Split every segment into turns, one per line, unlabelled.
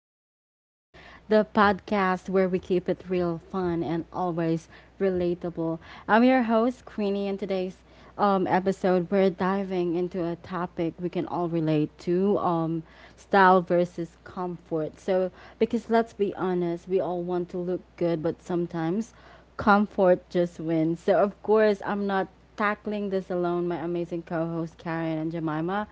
with Cranny, the podcast where we keep it real, fun, and always relatable. I'm your host, Cranny, and today's episode we're diving into a topic we can all relate to style versus comfort. So, because let's be honest, we all want to look good, but sometimes comfort just wins. So, of course, I'm not tackling this alone, my amazing co host, Karen and Jemima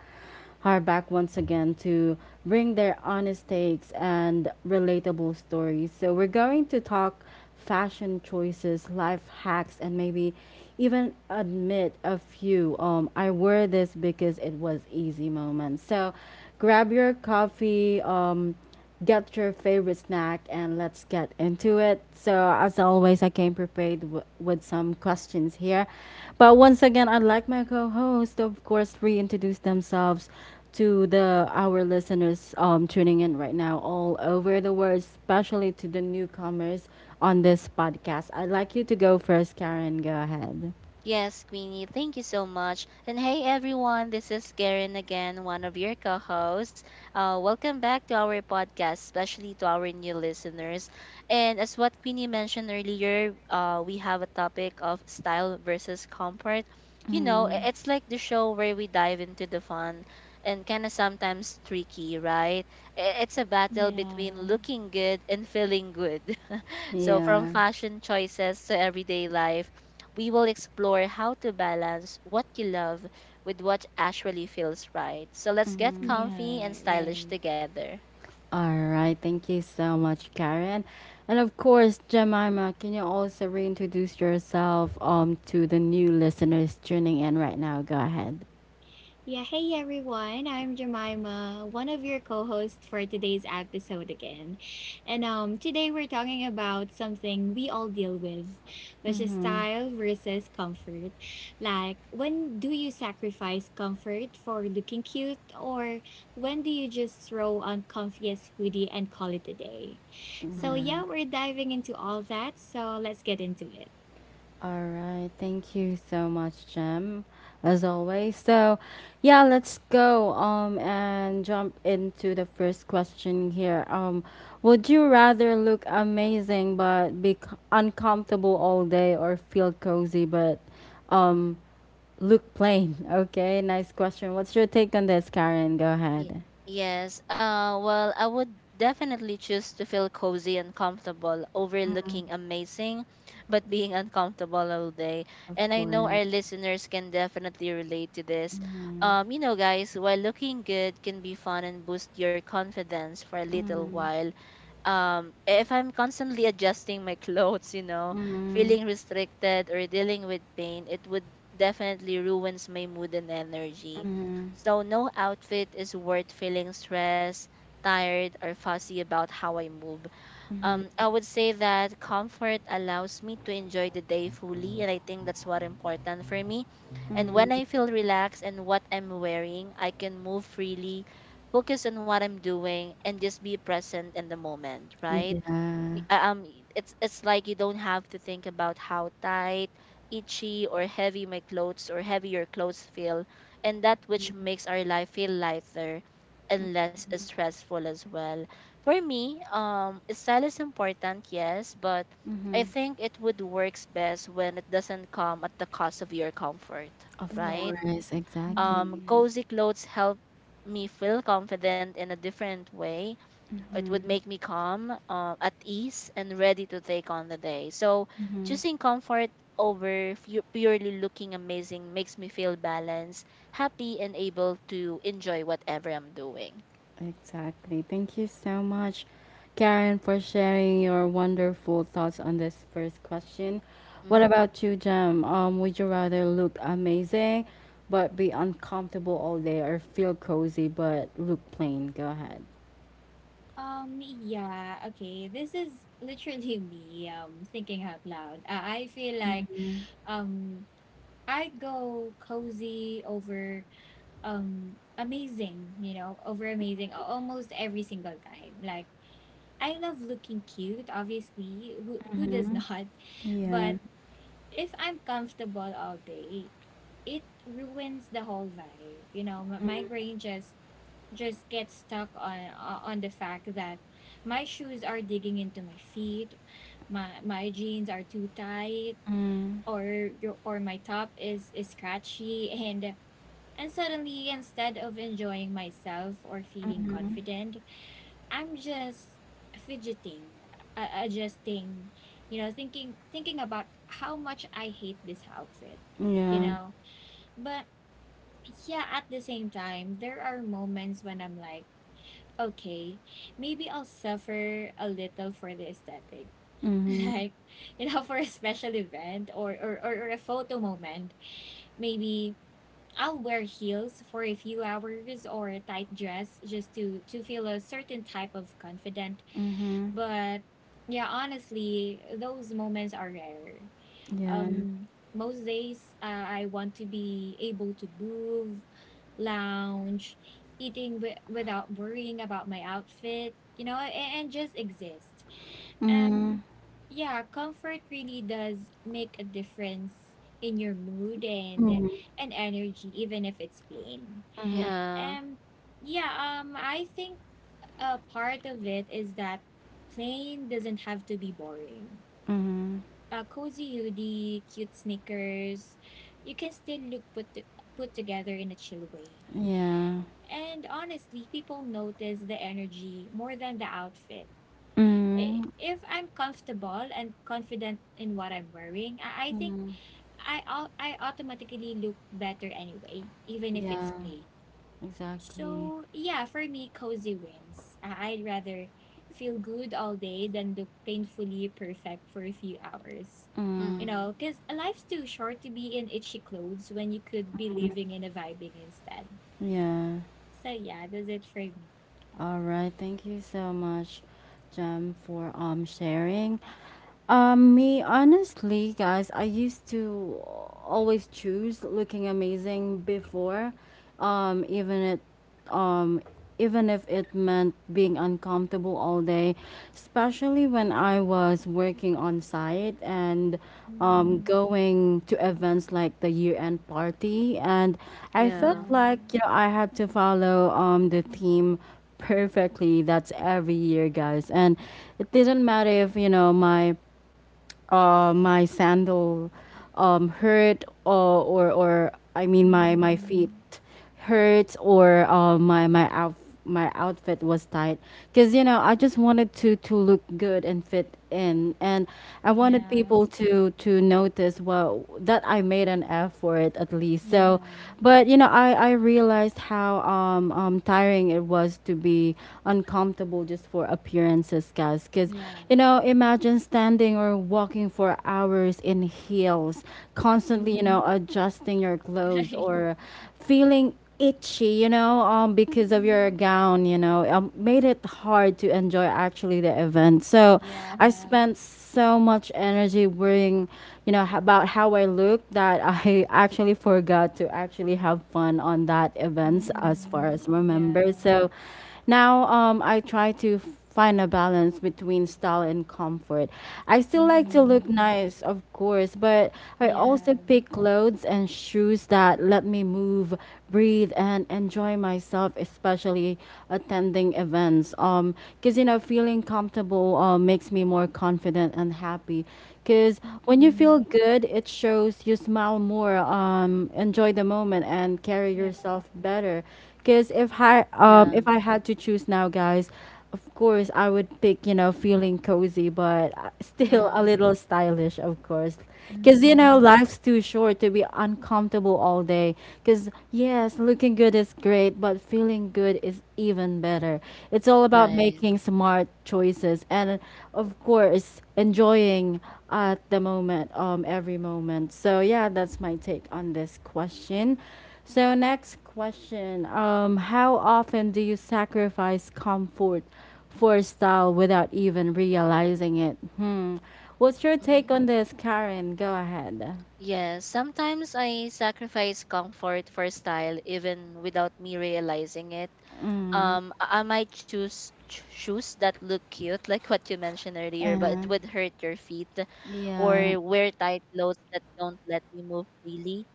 her back once again to bring their honest takes and relatable stories. So we're going to talk fashion choices, life hacks, and maybe even admit a few. I wore this because it was easy moments. So grab your coffee. Get your favorite snack and let's get into it. So, as always, I came prepared with some questions here. But once again, I'd like my co host to, of course, reintroduce themselves to the our listeners tuning in right now all over the world, especially to the newcomers on this podcast. I'd like you to go first, Karen. Go ahead.
Yes, Queenie, thank you so much. And hey, everyone, this is Karen again, one of your co hosts. Welcome back to our podcast, especially to our new listeners. And as what Queenie mentioned earlier, we have a topic of style versus comfort. You know,
Mm.
i- it's like the show where we dive into the fun and kind of sometimes tricky, right? It's a battle between
Yeah,
looking good and feeling good. So, from
Yeah.
fashion choices to everyday life, we will explore how to balance what you love with what actually feels right. So let's get comfy and
yeah,
stylish
right.
together.
All right, thank you so much, Karen. And of course, Jemima, can you also reintroduce yourself to the new listeners tuning in right now? Go ahead.
Yeah, hey everyone. I'm Jemima, one of your co-hosts for today's episode again. And today we're talking about something we all deal with, which is
Mm-hmm.
style versus comfort. Like, when do you sacrifice comfort for looking cute or when do you just throw on comfiest hoodie and call it a day? So,
Mm-hmm.
Yeah.
yeah, we're diving into all that. So, let's get into it.
All right. Thank you so much, Jem, as always. So, yeah, let's go and jump into the first question here. Would you rather look amazing but be uncomfortable all day, or feel cozy but um look plain. Okay, nice question. What's your take on this, Karen? Go ahead.
Yes, well, I would definitely choose to feel cozy and comfortable over looking amazing, but being uncomfortable all day.
Of
And I know
course.
our listeners can definitely relate to this.
Mm-hmm.
You know, guys, while looking good can be fun and boost your confidence for a little
Mm-hmm.
while, if I'm constantly adjusting my clothes,
Mm-hmm.
feeling restricted or dealing with pain, it would definitely ruins my mood and energy.
Mm-hmm.
So no outfit is worth feeling stressed, tired, or fussy about how I move.
Mm-hmm.
I would say that comfort allows me to enjoy the day fully, and I think that's what important for me. And when
Mm-hmm.
I feel relaxed and what I'm wearing, I can move freely, focus on what I'm doing, and just be present in the moment, right? y-
Yeah.
uh, um y- it's it's like you don't have to think about how tight, itchy, or heavy my clothes or heavy your clothes feel, and that which makes our life feel lighter and less stressful as well. For me, style is important, yes, but I
Mm-hmm.
think it would works best when it doesn't come at the cost of your comfort,
Of
Yeah.
right?
course, exactly.
Cozy clothes help me feel confident in a different way. It would make me calm, at ease, and ready to take on the day. So, choosing comfort over purely looking amazing makes me feel balanced, happy, and able to enjoy whatever I'm doing.
Exactly. Thank you so much, Karen, for sharing your wonderful thoughts on this first question. What
hmm
about you, Jem? Would you rather look amazing but be uncomfortable all day or feel cozy but look plain? Go ahead.
Yeah, okay. This is literally me thinking out loud. I feel like um I'd go cozy over amazing, you know, over amazing almost every single time. Like I love looking cute, obviously. Who does
Mm-hmm.
not?
Yeah.
But if I'm comfortable all day, it ruins the whole vibe. You know, my brain just gets stuck on the fact that my shoes are digging into my feet, my jeans are too tight,
Mm.
or my top is scratchy, and suddenly instead of enjoying myself or feeling confident, I'm just fidgeting, adjusting, you know, thinking about how much I hate this outfit, you
Yeah.
know. But yeah, at the same time, there are moments when I'm like, okay, maybe I'll suffer a little for the aesthetic.
Mm-hmm.
Like, you know, for a special event or a photo moment, maybe I'll wear heels for a few hours or a tight dress just to feel a certain type of confident
Mm-hmm.
but yeah, honestly, those moments are rare.
Yeah.
Um, most days, I want to be able to move, lounge, eating without worrying about my outfit, you know, and just exist. Um,
Mm.
yeah, comfort really does make a difference in your mood and
Mm-hmm. Mm-hmm.
energy, even if it's plain.
Yeah.
Um, yeah, I think a part of it is that plain doesn't have to be boring.
Mm-hmm.
A cozy hoodie, cute sneakers, you can still look put together in a chill way.
Yeah.
And honestly, people notice the energy more than the outfit.
Mm-hmm.
If I'm comfortable and confident in what I'm wearing, I think I automatically look better anyway, even if it's
Yeah.
plain.
Exactly.
So yeah, for me, cozy wins. I'd rather feel good all day than look painfully perfect for a few hours.
Mm.
You
hmm
know, because life's too short to be in itchy clothes when you could be living in a vibing instead.
Yeah.
So yeah, that's it for me.
All right, thank you so much, Jem, for sharing. Me honestly, guys, I used to always choose looking amazing before, um, even it, um, even if it meant being uncomfortable all day, especially when I was working on site and
Mm,
going to events like the year-end party, and I felt
Yeah.
like
yeah.
you know I had to follow the theme perfectly. That's every year, guys. And it didn't matter if, you know, my sandal hurt or I mean my feet
Mm,
hurt or my outfit was tight, because you know I just wanted to look good and fit in, and I wanted
yeah.
people to notice well that I made an effort at least.
Yeah.
So, but you know I realized how tiring it was to be uncomfortable just for appearances, guys, because
Yeah.
you know, imagine standing or walking for hours in heels, constantly, you
Mhm.
know, adjusting your clothes or feeling itchy, you know, because of
Mhm.
your gown, you know, made it hard to enjoy actually the event. So I
Yeah.
spent so much energy worrying, you know, about how I looked that I actually forgot to actually have fun on that events as far
Mhm.
as remember.
Yeah.
So now I try to find a balance between style and comfort. I still like to look
Mhm.
nice, of course, but I also
Yeah.
pick clothes and shoes that let me move, breathe, and enjoy myself, especially attending events. Because you know, feeling comfortable makes me more confident and happy. Because when you feel
Mhm.
good, it shows. You smile more, enjoy the moment, and carry
Yeah.
yourself better. Because if I um
Yeah.
if I had to choose now, guys, of course I would pick, you know, feeling cozy, but still
Yeah.
a
hmm
little stylish, of course. Because you know,
Mhm.
life's too short to be uncomfortable all day. Because yes, looking good is great, but feeling good is even better. It's all
Y
about
Right.
making smart choices and of course enjoying at the moment, every moment. So yeah, that's my take on this question. So next question. How often do you sacrifice comfort for style without even realizing it? Hmm. What's your take on this, Karen? Go ahead.
Yes, sometimes I sacrifice comfort for style even without me realizing it. I might choose shoes that look cute, like what you mentioned earlier, but
Uh,
it would hurt your feet,
yeah.
or wear tight clothes that don't let me move freely.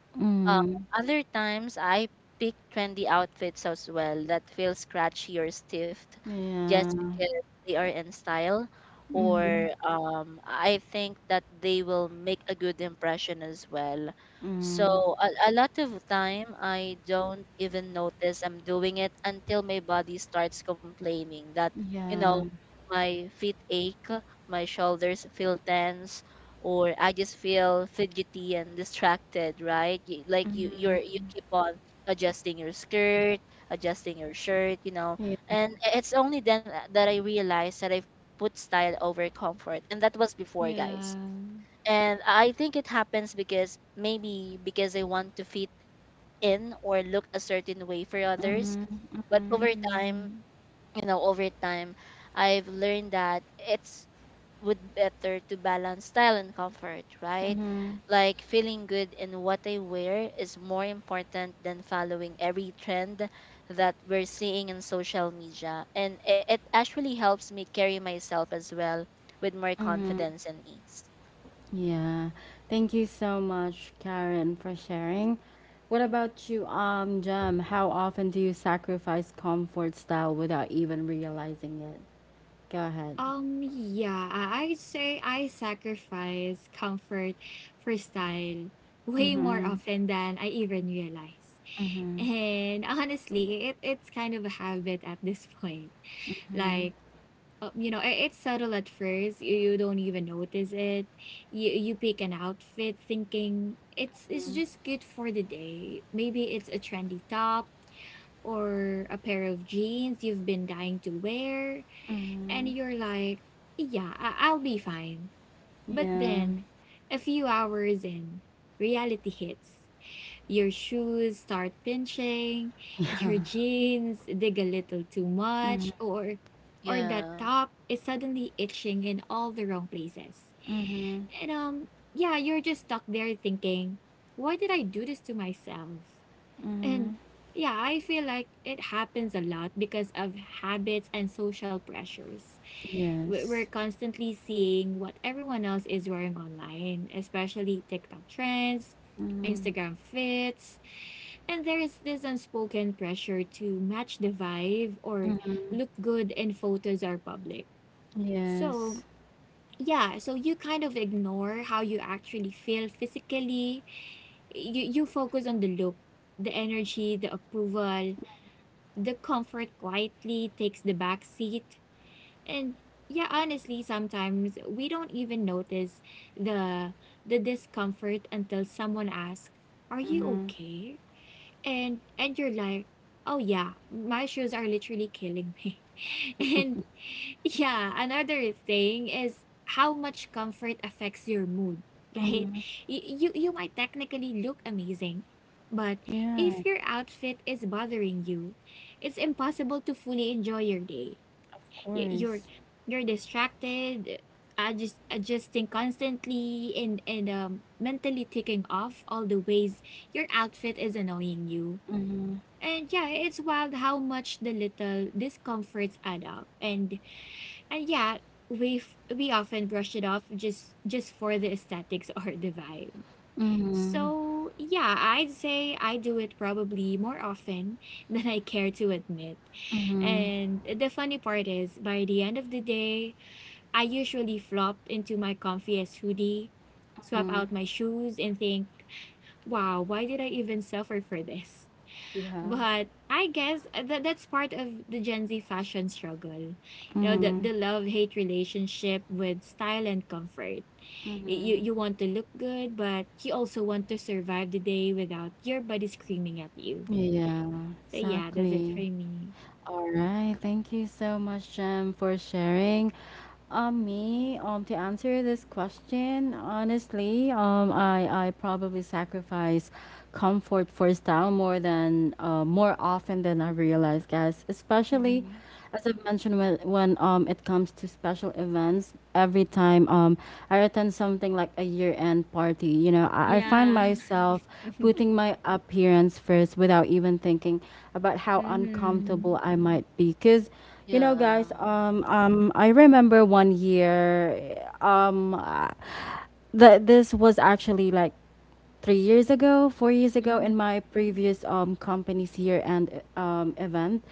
Uh,
Mm,
other times, I pick trendy outfits as well that feel scratchy or stiffed just
yeah.
because they are in style,
Mm,
or I think that they will make a good impression as well.
mm,
So, a lot of time, I don't even notice I'm doing it until my body starts complaining that, you know,
yeah.
my feet ache, my shoulders feel tense, or I just feel fidgety and distracted, right? You, like you,
Mm,
you're you keep on adjusting your skirt, adjusting your shirt, you know.
yeah.
And it's only then that I realized that I've put style over comfort, and that was before, guys.
yeah.
And I think it happens because maybe because I want to fit in or look a certain way for others,
Mm,
but
mm,
over time,
Mhm.
you know, over time, I've learned that it's would better to balance style and comfort, right?
mm,
Like feeling good in what I wear is more important than following every trend that we're seeing in social media. And it actually helps me carry myself as well with more
mm,
confidence and ease.
yeah. Thank you so much, Karen, for sharing. What about you, Jem? How often do you sacrifice comfort style without even realizing it? Go ahead.
Yeah, I'd say I sacrifice comfort for style way more
Mm-hmm.
often than I even realize.
Mm-hmm.
And honestly, it's kind of a habit at this point. Like, you know, it's subtle at first. You don't even notice it. You pick an outfit thinking it's just good for the day. Maybe it's a trendy top or a pair of jeans you've been dying to wear, and you're like, yeah, I'll be fine. But
Yeah.
then, a few hours in, reality hits. Your shoes start pinching, your jeans dig a little too much, or that
Yeah.
top is suddenly itching in all the wrong places.
Mm-hmm.
And yeah, you're just stuck there thinking, why did I do this to myself? And yeah, I feel like it happens a lot because of habits and social pressures. We're
Yes.
constantly seeing what everyone else is wearing online, especially TikTok trends, Instagram fits, and there is this unspoken pressure to match the vibe or look good in photos or public. So,
Yes.
yeah, so you kind of ignore how you actually feel physically. You focus on the look, the energy, the approval the comfort quietly takes the back seat. And yeah, honestly, sometimes we don't even notice the the discomfort until someone asks, are you okay? And you're like, oh yeah, my shoes are literally killing me. And yeah, another thing is how much comfort affects your mood, right? You you might technically look amazing but
Yeah.
if your outfit is bothering you, it's impossible to fully enjoy your day.
Of
Y- you're
course.
you're distracted, adjusting constantly, and mentally ticking off all the ways your outfit is annoying you.
Mm-hmm.
And yeah, it's wild how much the little discomforts add up. And yeah, we often brush it off just for the aesthetics or the vibe.
Mm-hmm.
So yeah, I'd say I do it probably more often than I care to admit.
Mm-hmm.
And the funny part is, by the end of the day, I usually flop into my comfiest hoodie, swap
Mm-hmm.
out my shoes, and think, wow, why did I even suffer for this?
Yeah.
But I guess that's part of the Gen Z fashion struggle. You know,
Mm-hmm.
the love-hate relationship with style and comfort.
Mm-hmm.
You want to look good, but you also want to survive the day without your body screaming at you.
Yeah.
So yeah, that's it for
Exactly.
me.
All right. Thank you so much, Jem, for sharing. Me, to answer this question, honestly, I probably sacrifice comfort for style more often than I realize, guys. Especially
Yeah.
as I've mentioned, when it comes to special events, every time I attend something like a year end party, you know, I find
Yeah.
myself
Mm-hmm.
putting my appearance first without even thinking about how uncomfortable I might be. Cause, you know, guys,
Yeah.
I remember one year, that this was actually like 3 years ago, 4 years ago,
Mm-hmm.
in my previous company's year end event.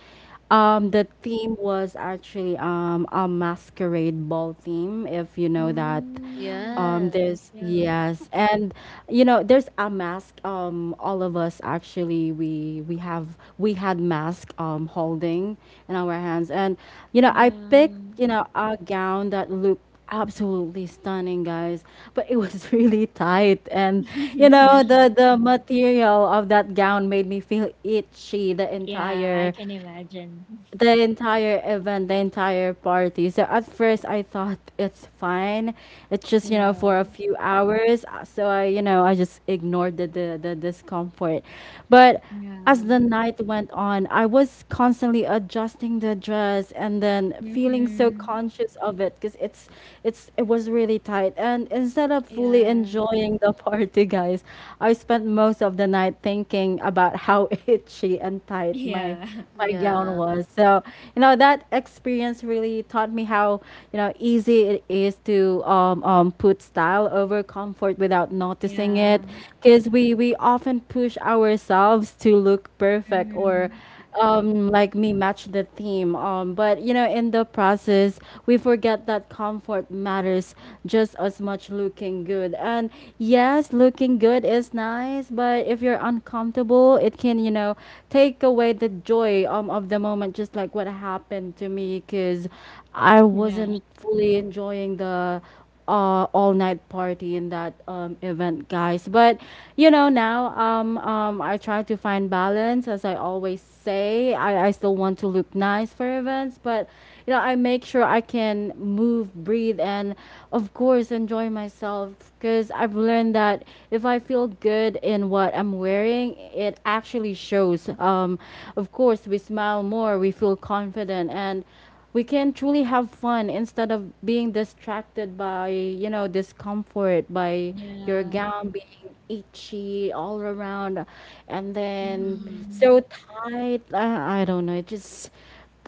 Yeah.
The theme was actually a masquerade ball theme, if you know that.
Oh.
Um,
Yeah.
there's
Yeah.
yes, and you know there's a mask. All of us actually we had mask holding in our hands, and you know, I picked,
Yeah.
you know, a gown that looked absolutely stunning, guys, but it was really tight, and you know,
Yeah.
the material of that gown made me feel itchy the
Yeah, I
entire,
can imagine.
the entire party. So at first I thought it's fine. It's just, you know,
Yeah.
for a few hours. So I just ignored the discomfort. But
Yeah.
as the night went on, I was constantly adjusting the dress and then feeling so
Mm-hmm.
conscious of it because it was really tight. And instead of fully
Yeah.
enjoying the party, guys, I spent most of the night thinking about how itchy and tight
Yeah.
my my gown
Yeah.
was. So, you know, that experience really taught me how, you know, easy it is to put style over comfort without noticing
Yeah.
it. Because we often push ourselves to look perfect or
Mhm. Right.
like me match the theme. But, you know, in the process, we forget that comfort matters just as much looking good. And yes, looking good is not, it's nice, but if you're uncomfortable, it can, you know, take away the joy of the moment, just like what happened to me, because I
Yeah.
wasn't fully enjoying the all night party in that event, guys. But you know, now I try to find balance, as I always say. I still want to look nice for events, but you know, I make sure I can move, breathe, and of course enjoy myself, because I've learned that if I feel good in what I'm wearing, it actually shows. Of course, we smile more, we feel confident, and we can truly have fun instead of being distracted by, you know, discomfort, by your
Yeah.
gown being itchy all around and then
hmm
Mhm.
so tight. I don't know, it just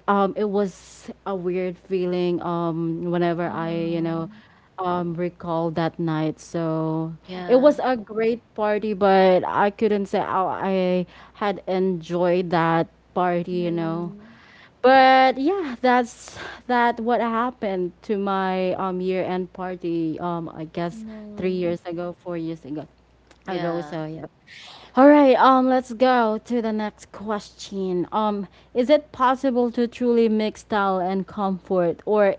it was a weird feeling whenever I, you
Uh-huh.
know, recall that night. So it was
Yeah.
a great party, but I couldn't say how I had enjoyed that party, you
Yeah.
know. But yeah, that's that what happened to my year-end party, I guess three
No.
years ago, 4 years ago.
Yeah.
So yeah. All right, let's go to the next question. Is it possible to truly mix style and comfort, or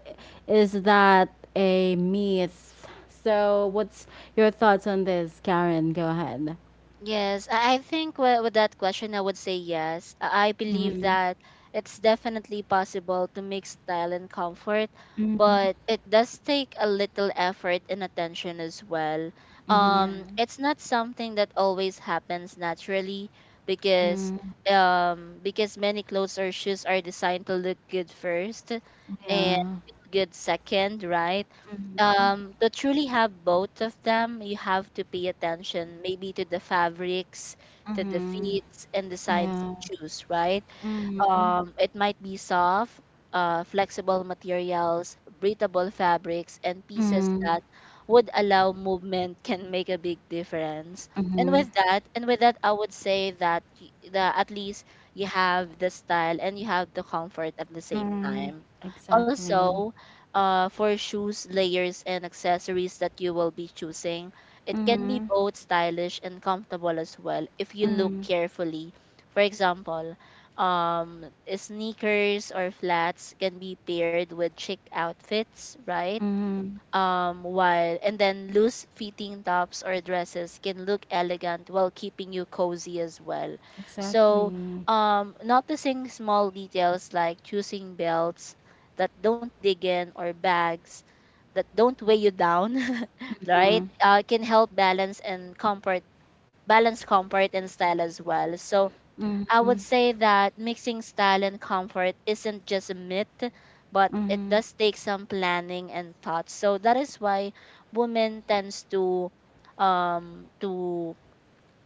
is that a myth? So, what's your thoughts on this, Karen? Go ahead.
Yes, I think with that question, I would say yes. I believe
Mm-hmm.
that it's definitely possible to mix style and comfort,
Mm-hmm.
but it does take a little effort and attention as well.
Yeah.
It's not something that always happens naturally because
Mm-hmm.
because many clothes or shoes are designed to look good first and
Yeah.
feel good second, right? To truly have both of them, you have to pay attention maybe to the fabrics, to the
Mm-hmm.
fits, and the signs you
Yeah.
choose, right?
Mm-hmm.
It might be soft, flexible materials, breathable fabrics, and pieces
Mm-hmm.
that would allow movement can make a big difference. And with that, I would say that the at least you have the style and you have the comfort at the same
Mm-hmm.
time.
Exactly.
Also, for shoes, layers, and accessories that you will be choosing, it can
Mm-hmm.
be both stylish and comfortable as well if you look carefully. For example, um sneakers or flats can be paired with chic outfits, right?
Mm-hmm.
While and then loose fitting tops or dresses can look elegant while keeping you cozy as well. So,
Exactly.
Yeah.
noticing small details like choosing belts that don't dig in or bags that don't weigh you down right, can help balance and comfort, balance comfort and style as well. So I would say that mixing style and comfort isn't just a myth, but it
Mm-hmm.
does take some planning and thought. So that is why women tends to um to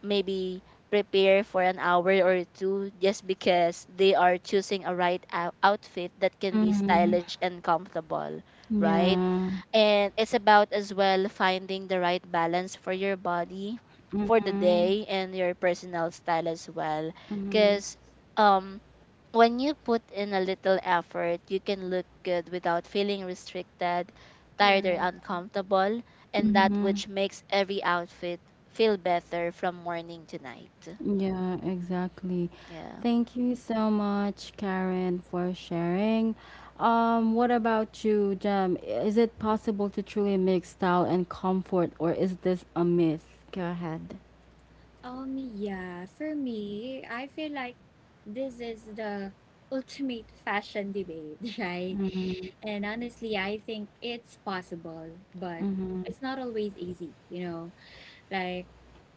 maybe prepare for an hour or two just because they are choosing a right outfit that can be
Mhm.
stylish and comfortable, right?
Yeah.
And it's about as well finding the right balance for your body, for the
Mhm.
day, and your personal style as well.
Mhm.
Because um when you put in a little effort, you can look good without feeling restricted, tired, or
Yeah.
uncomfortable, and that
Mhm.
which makes every outfit feel better from morning to night.
Yeah, exactly.
Yeah.
Thank you so much, Karen, for sharing. What about you, Jem? Is it possible to truly mix style and comfort, or is this a myth? Go ahead.
Yeah, for me, I feel like this is the ultimate fashion debate, right?
Mhm.
And honestly, I think it's possible, but it's not always easy, you know. Like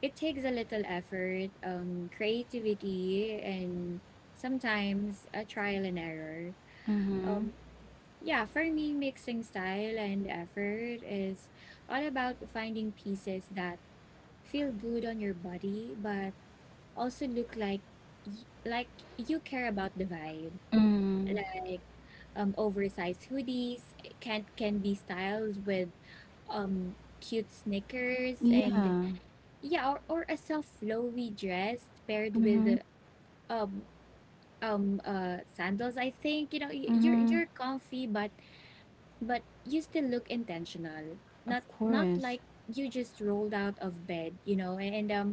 it takes a little effort, creativity, and sometimes a trial and error.
Mhm.
Um, yeah, for me, mixing style and effort is all about finding pieces that feel good on your body, but also look like like you care about the vibe.
Mhm.
Like oversized hoodies can be styled with cute sneakers and
Yeah.
yeah, or, a soft flowy dress paired with
Mhm.
um sandals. I think you know
Mhm.
you're comfy, but you still look intentional.
Of
Not Not
course.
like you just rolled out of bed, you know. And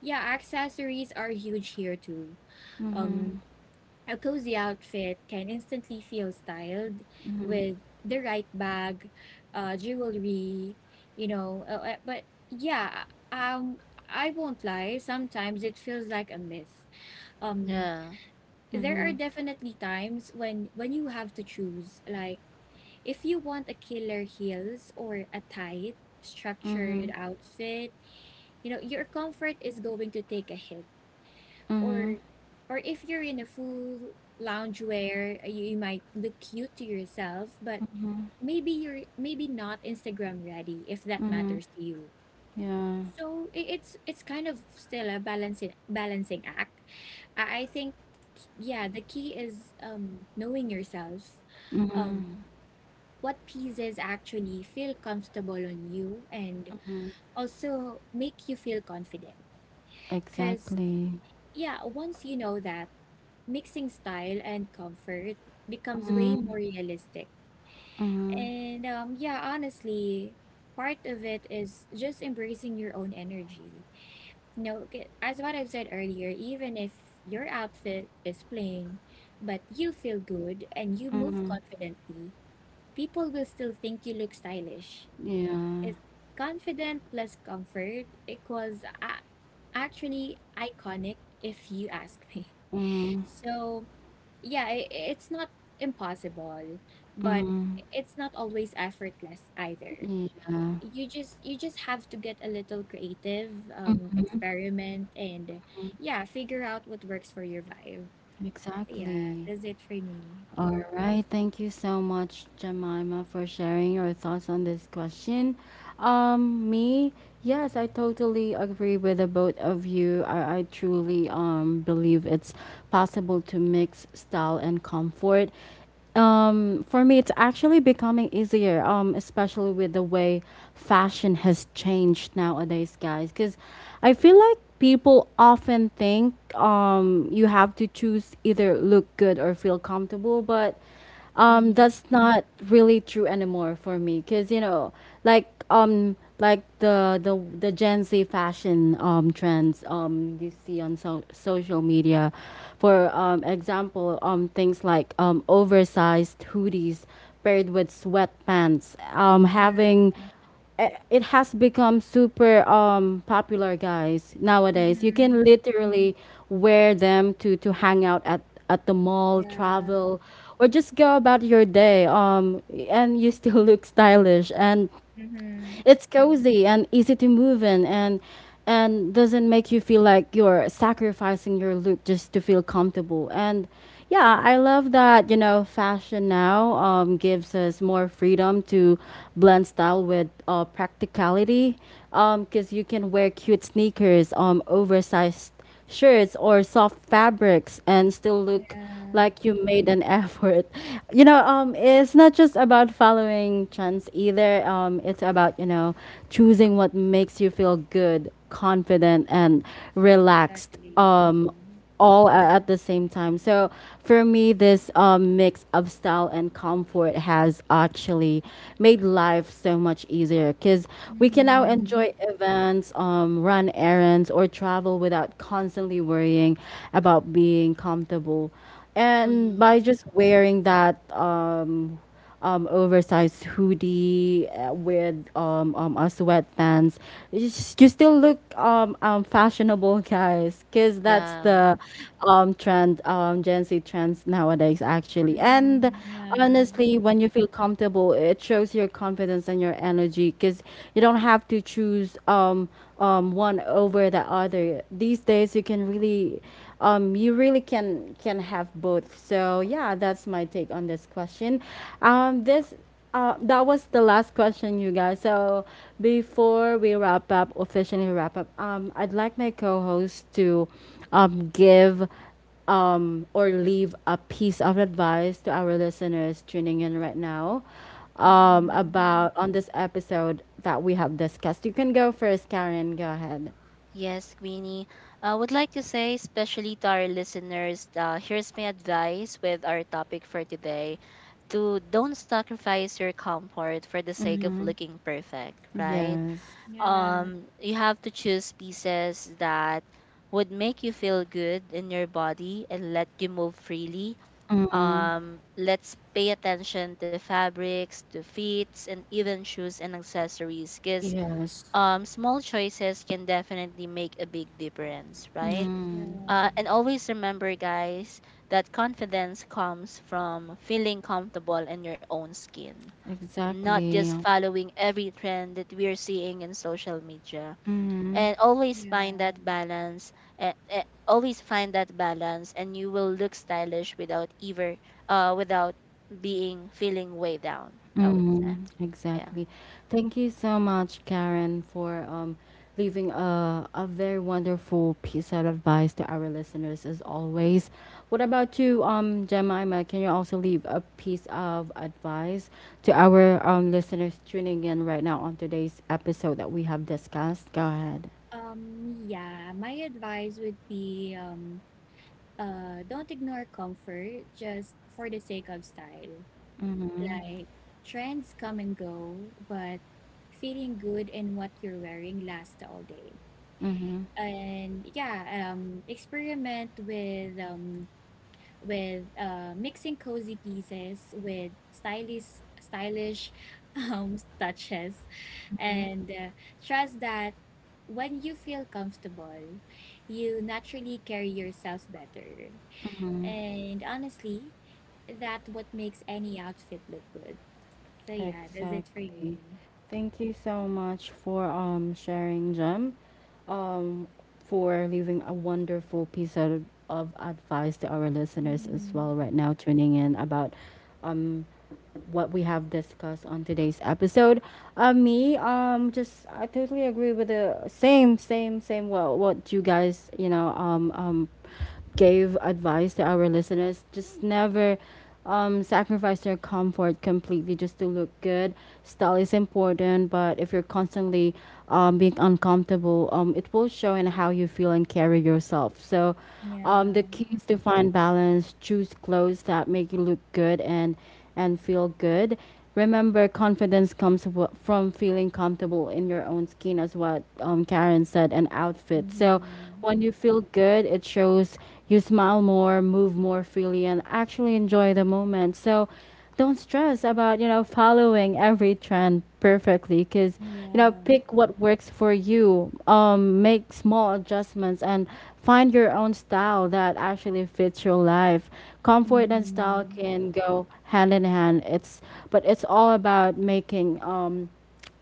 yeah, accessories are huge here too.
Mhm.
Um, a cozy outfit can instantly feel styled with the right bag, jewelry, you know. But yeah, um, I won't lie. Sometimes it feels like a myth. Um,
Yeah.
there are
Mhm.
definitely times when you have to choose, like if you want a killer heels or a tight, structured
Mhm.
outfit, you know, your comfort is going to take a hit. or
Mhm.
or if you're in a full loungewear, you, you might look cute to yourself, but
Mhm.
maybe you're maybe not Instagram ready if that
Mhm.
matters to you.
Yeah.
So it's kind of still a balancing act. I think, yeah, the key is knowing yourself,
Mhm.
um what pieces actually feel comfortable on you and also make you feel confident. Cause
Exactly.
yeah, once you know that, mixing style and comfort becomes way
Mhm,
more realistic.
mhm,
And yeah, honestly, part of it is just embracing your own energy. You know, as what I've said earlier, even if your outfit is plain, but you feel good and you move
mhm.
confidently, people will still think you look stylish.
Yeah.
It's confident plus comfort equals actually iconic if you ask me.
Mhm,
So, yeah, it's not impossible, but
mhm.
it's not always effortless either.
Yeah.
You just have to get a little creative, experiment, and yeah, figure out what works for your vibe. So yeah,
Exactly.
that's it for me.
All right. Thank you so much, Jemima, for sharing your thoughts on this question. Me, yes, I totally agree with the both of you. I truly believe it's possible to mix style and comfort. For me, it's actually becoming easier, especially with the way fashion has changed nowadays, guys. Because I feel like people often think you have to choose either look good or feel comfortable, but
Mm-hmm.
that's not really true anymore for me because. Like the Gen Z fashion trends you see on social media. For example, things like oversized hoodies paired with sweatpants.
Yeah.
It has become super popular, guys. Nowadays you
Mm-hmm.
can literally wear them to hang out at the mall,
Yeah.
travel, or just go about your day and you still look stylish, and
Mm-hmm.
it's cozy and easy to move in and doesn't make you feel like you're sacrificing your look just to feel comfortable. And yeah, I love that. Fashion now gives us more freedom to blend style with practicality, because you can wear cute sneakers, oversized shirts or soft fabrics, and still look
Yeah,
like you made an effort. It's not just about following trends either. It's about, choosing what makes you feel good, confident, and relaxed.
exactly.
At the same time. So for me, this mix of style and comfort has actually made life so much easier, because we can now
Mm-hmm.
enjoy events, run errands, or travel without constantly worrying about being comfortable. And
Mm-hmm.
by just wearing that oversized hoodie with a sweatpants, you you still look fashionable, guys, because that's
Yeah.
the trend, Gen Z trends nowadays, actually. And
Mm-hmm. Yeah.
honestly, when you feel comfortable, it shows your confidence and your energy, because you don't have to choose one over the other. These days, you can really you really can have both. So yeah, that's my take on this question. This That was the last question, you guys. So before we wrap up, officially wrap up, I'd like my co-host to give or leave a piece of advice to our listeners tuning in right now,
Mm-hmm.
about on this episode that we have discussed. You can go first, Karen. Go ahead.
Yes, Queenie. I would like to say, especially to our listeners, here's my advice with our topic for today, to don't sacrifice your comfort for the sake of
Mm-hmm.
looking perfect, right?
Yes.
Yeah.
You have to choose pieces that would make you feel good in your body and let you move freely. Let's pay attention to fabrics, to fits, and even shoes and accessories, because
Yes.
small choices can definitely make a big difference, right?
Mhm.
Yeah.
And always remember, guys, that confidence comes from feeling comfortable in your own skin, not just
Exactly.
following every trend that we're seeing in social media.
Mhm.
And always find that
Yeah.
balance. And always find that balance, and you will look stylish without ever, without being feeling way down, I would say.
Mhm.
Yeah.
Exactly. Thank you so much, Karen, for leaving a very wonderful piece of advice to our listeners, as always. What about you, Jemima? Can you also leave a piece of advice to our listeners tuning in right now on today's episode that we have discussed? Go ahead.
Yeah, my advice would be don't ignore comfort just for the sake of style.
Mhm.
Like, trends come and go, but feeling good in what you're wearing lasts all day.
Mhm.
And yeah, experiment with mixing cozy pieces with stylish touches, and trust that when you feel comfortable, you naturally carry yourself better,
Mhm.
and honestly, that what makes any outfit look good. So yeah, that's it for
Exactly.
me.
Thank you so much for sharing, Jem. Um, for leaving a wonderful piece of advice to our listeners as
Hmm.
well right now tuning in about um what we have discussed on today's episode. Me, just I totally agree with the same, same, same. Well, what you guys, gave advice to our listeners. Just never, sacrifice your comfort completely just to look good. Style is important, but if you're constantly, being uncomfortable, it will show in how you feel and carry yourself. So, the
Yeah.
key is to find balance. Choose clothes that make you look good and feel good. Remember, confidence comes from feeling comfortable in your own skin, as what Karen said, an outfit. So,
Hmm.
when you feel good, it shows, you smile more, move more freely, and actually enjoy the moment. So, don't stress about following every trend perfectly, because
Yeah.
pick what works for you, make small adjustments and find your own style that actually fits your life. Comfort and style
Hmm.
can go hand in hand. It's But it's all about making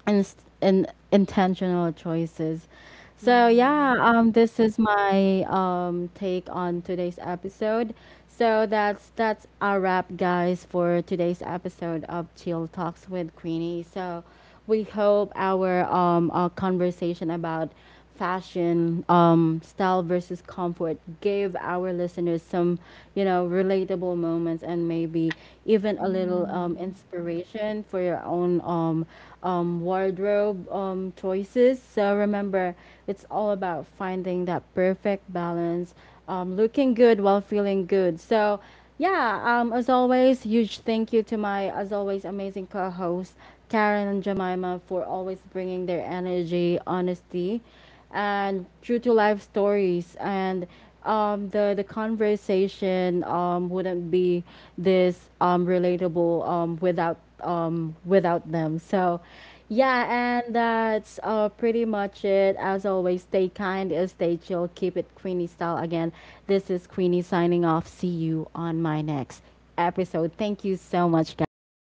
and intentional choices.
Yeah.
So yeah, this is my take on today's episode. So that's a wrap, guys, for today's episode of Chill Talks with Queenie. So we hope our conversation about fashion, style versus comfort gave our listeners some, relatable moments, and maybe even a little
Hmm.
inspiration for your own wardrobe choices. So remember, it's all about finding that perfect balance, looking good while feeling good. So, yeah, as always, huge thank you to my, as always, amazing co hosts, Karen and Jemima, for always bringing their energy, honesty, and true to life stories. And the conversation wouldn't be this relatable without them. So yeah, and that's pretty much it. As always, stay kind, stay chill, keep it Queenie style. Again, this is Queenie signing off. See you on my next episode. Thank you so much, guys. Bye.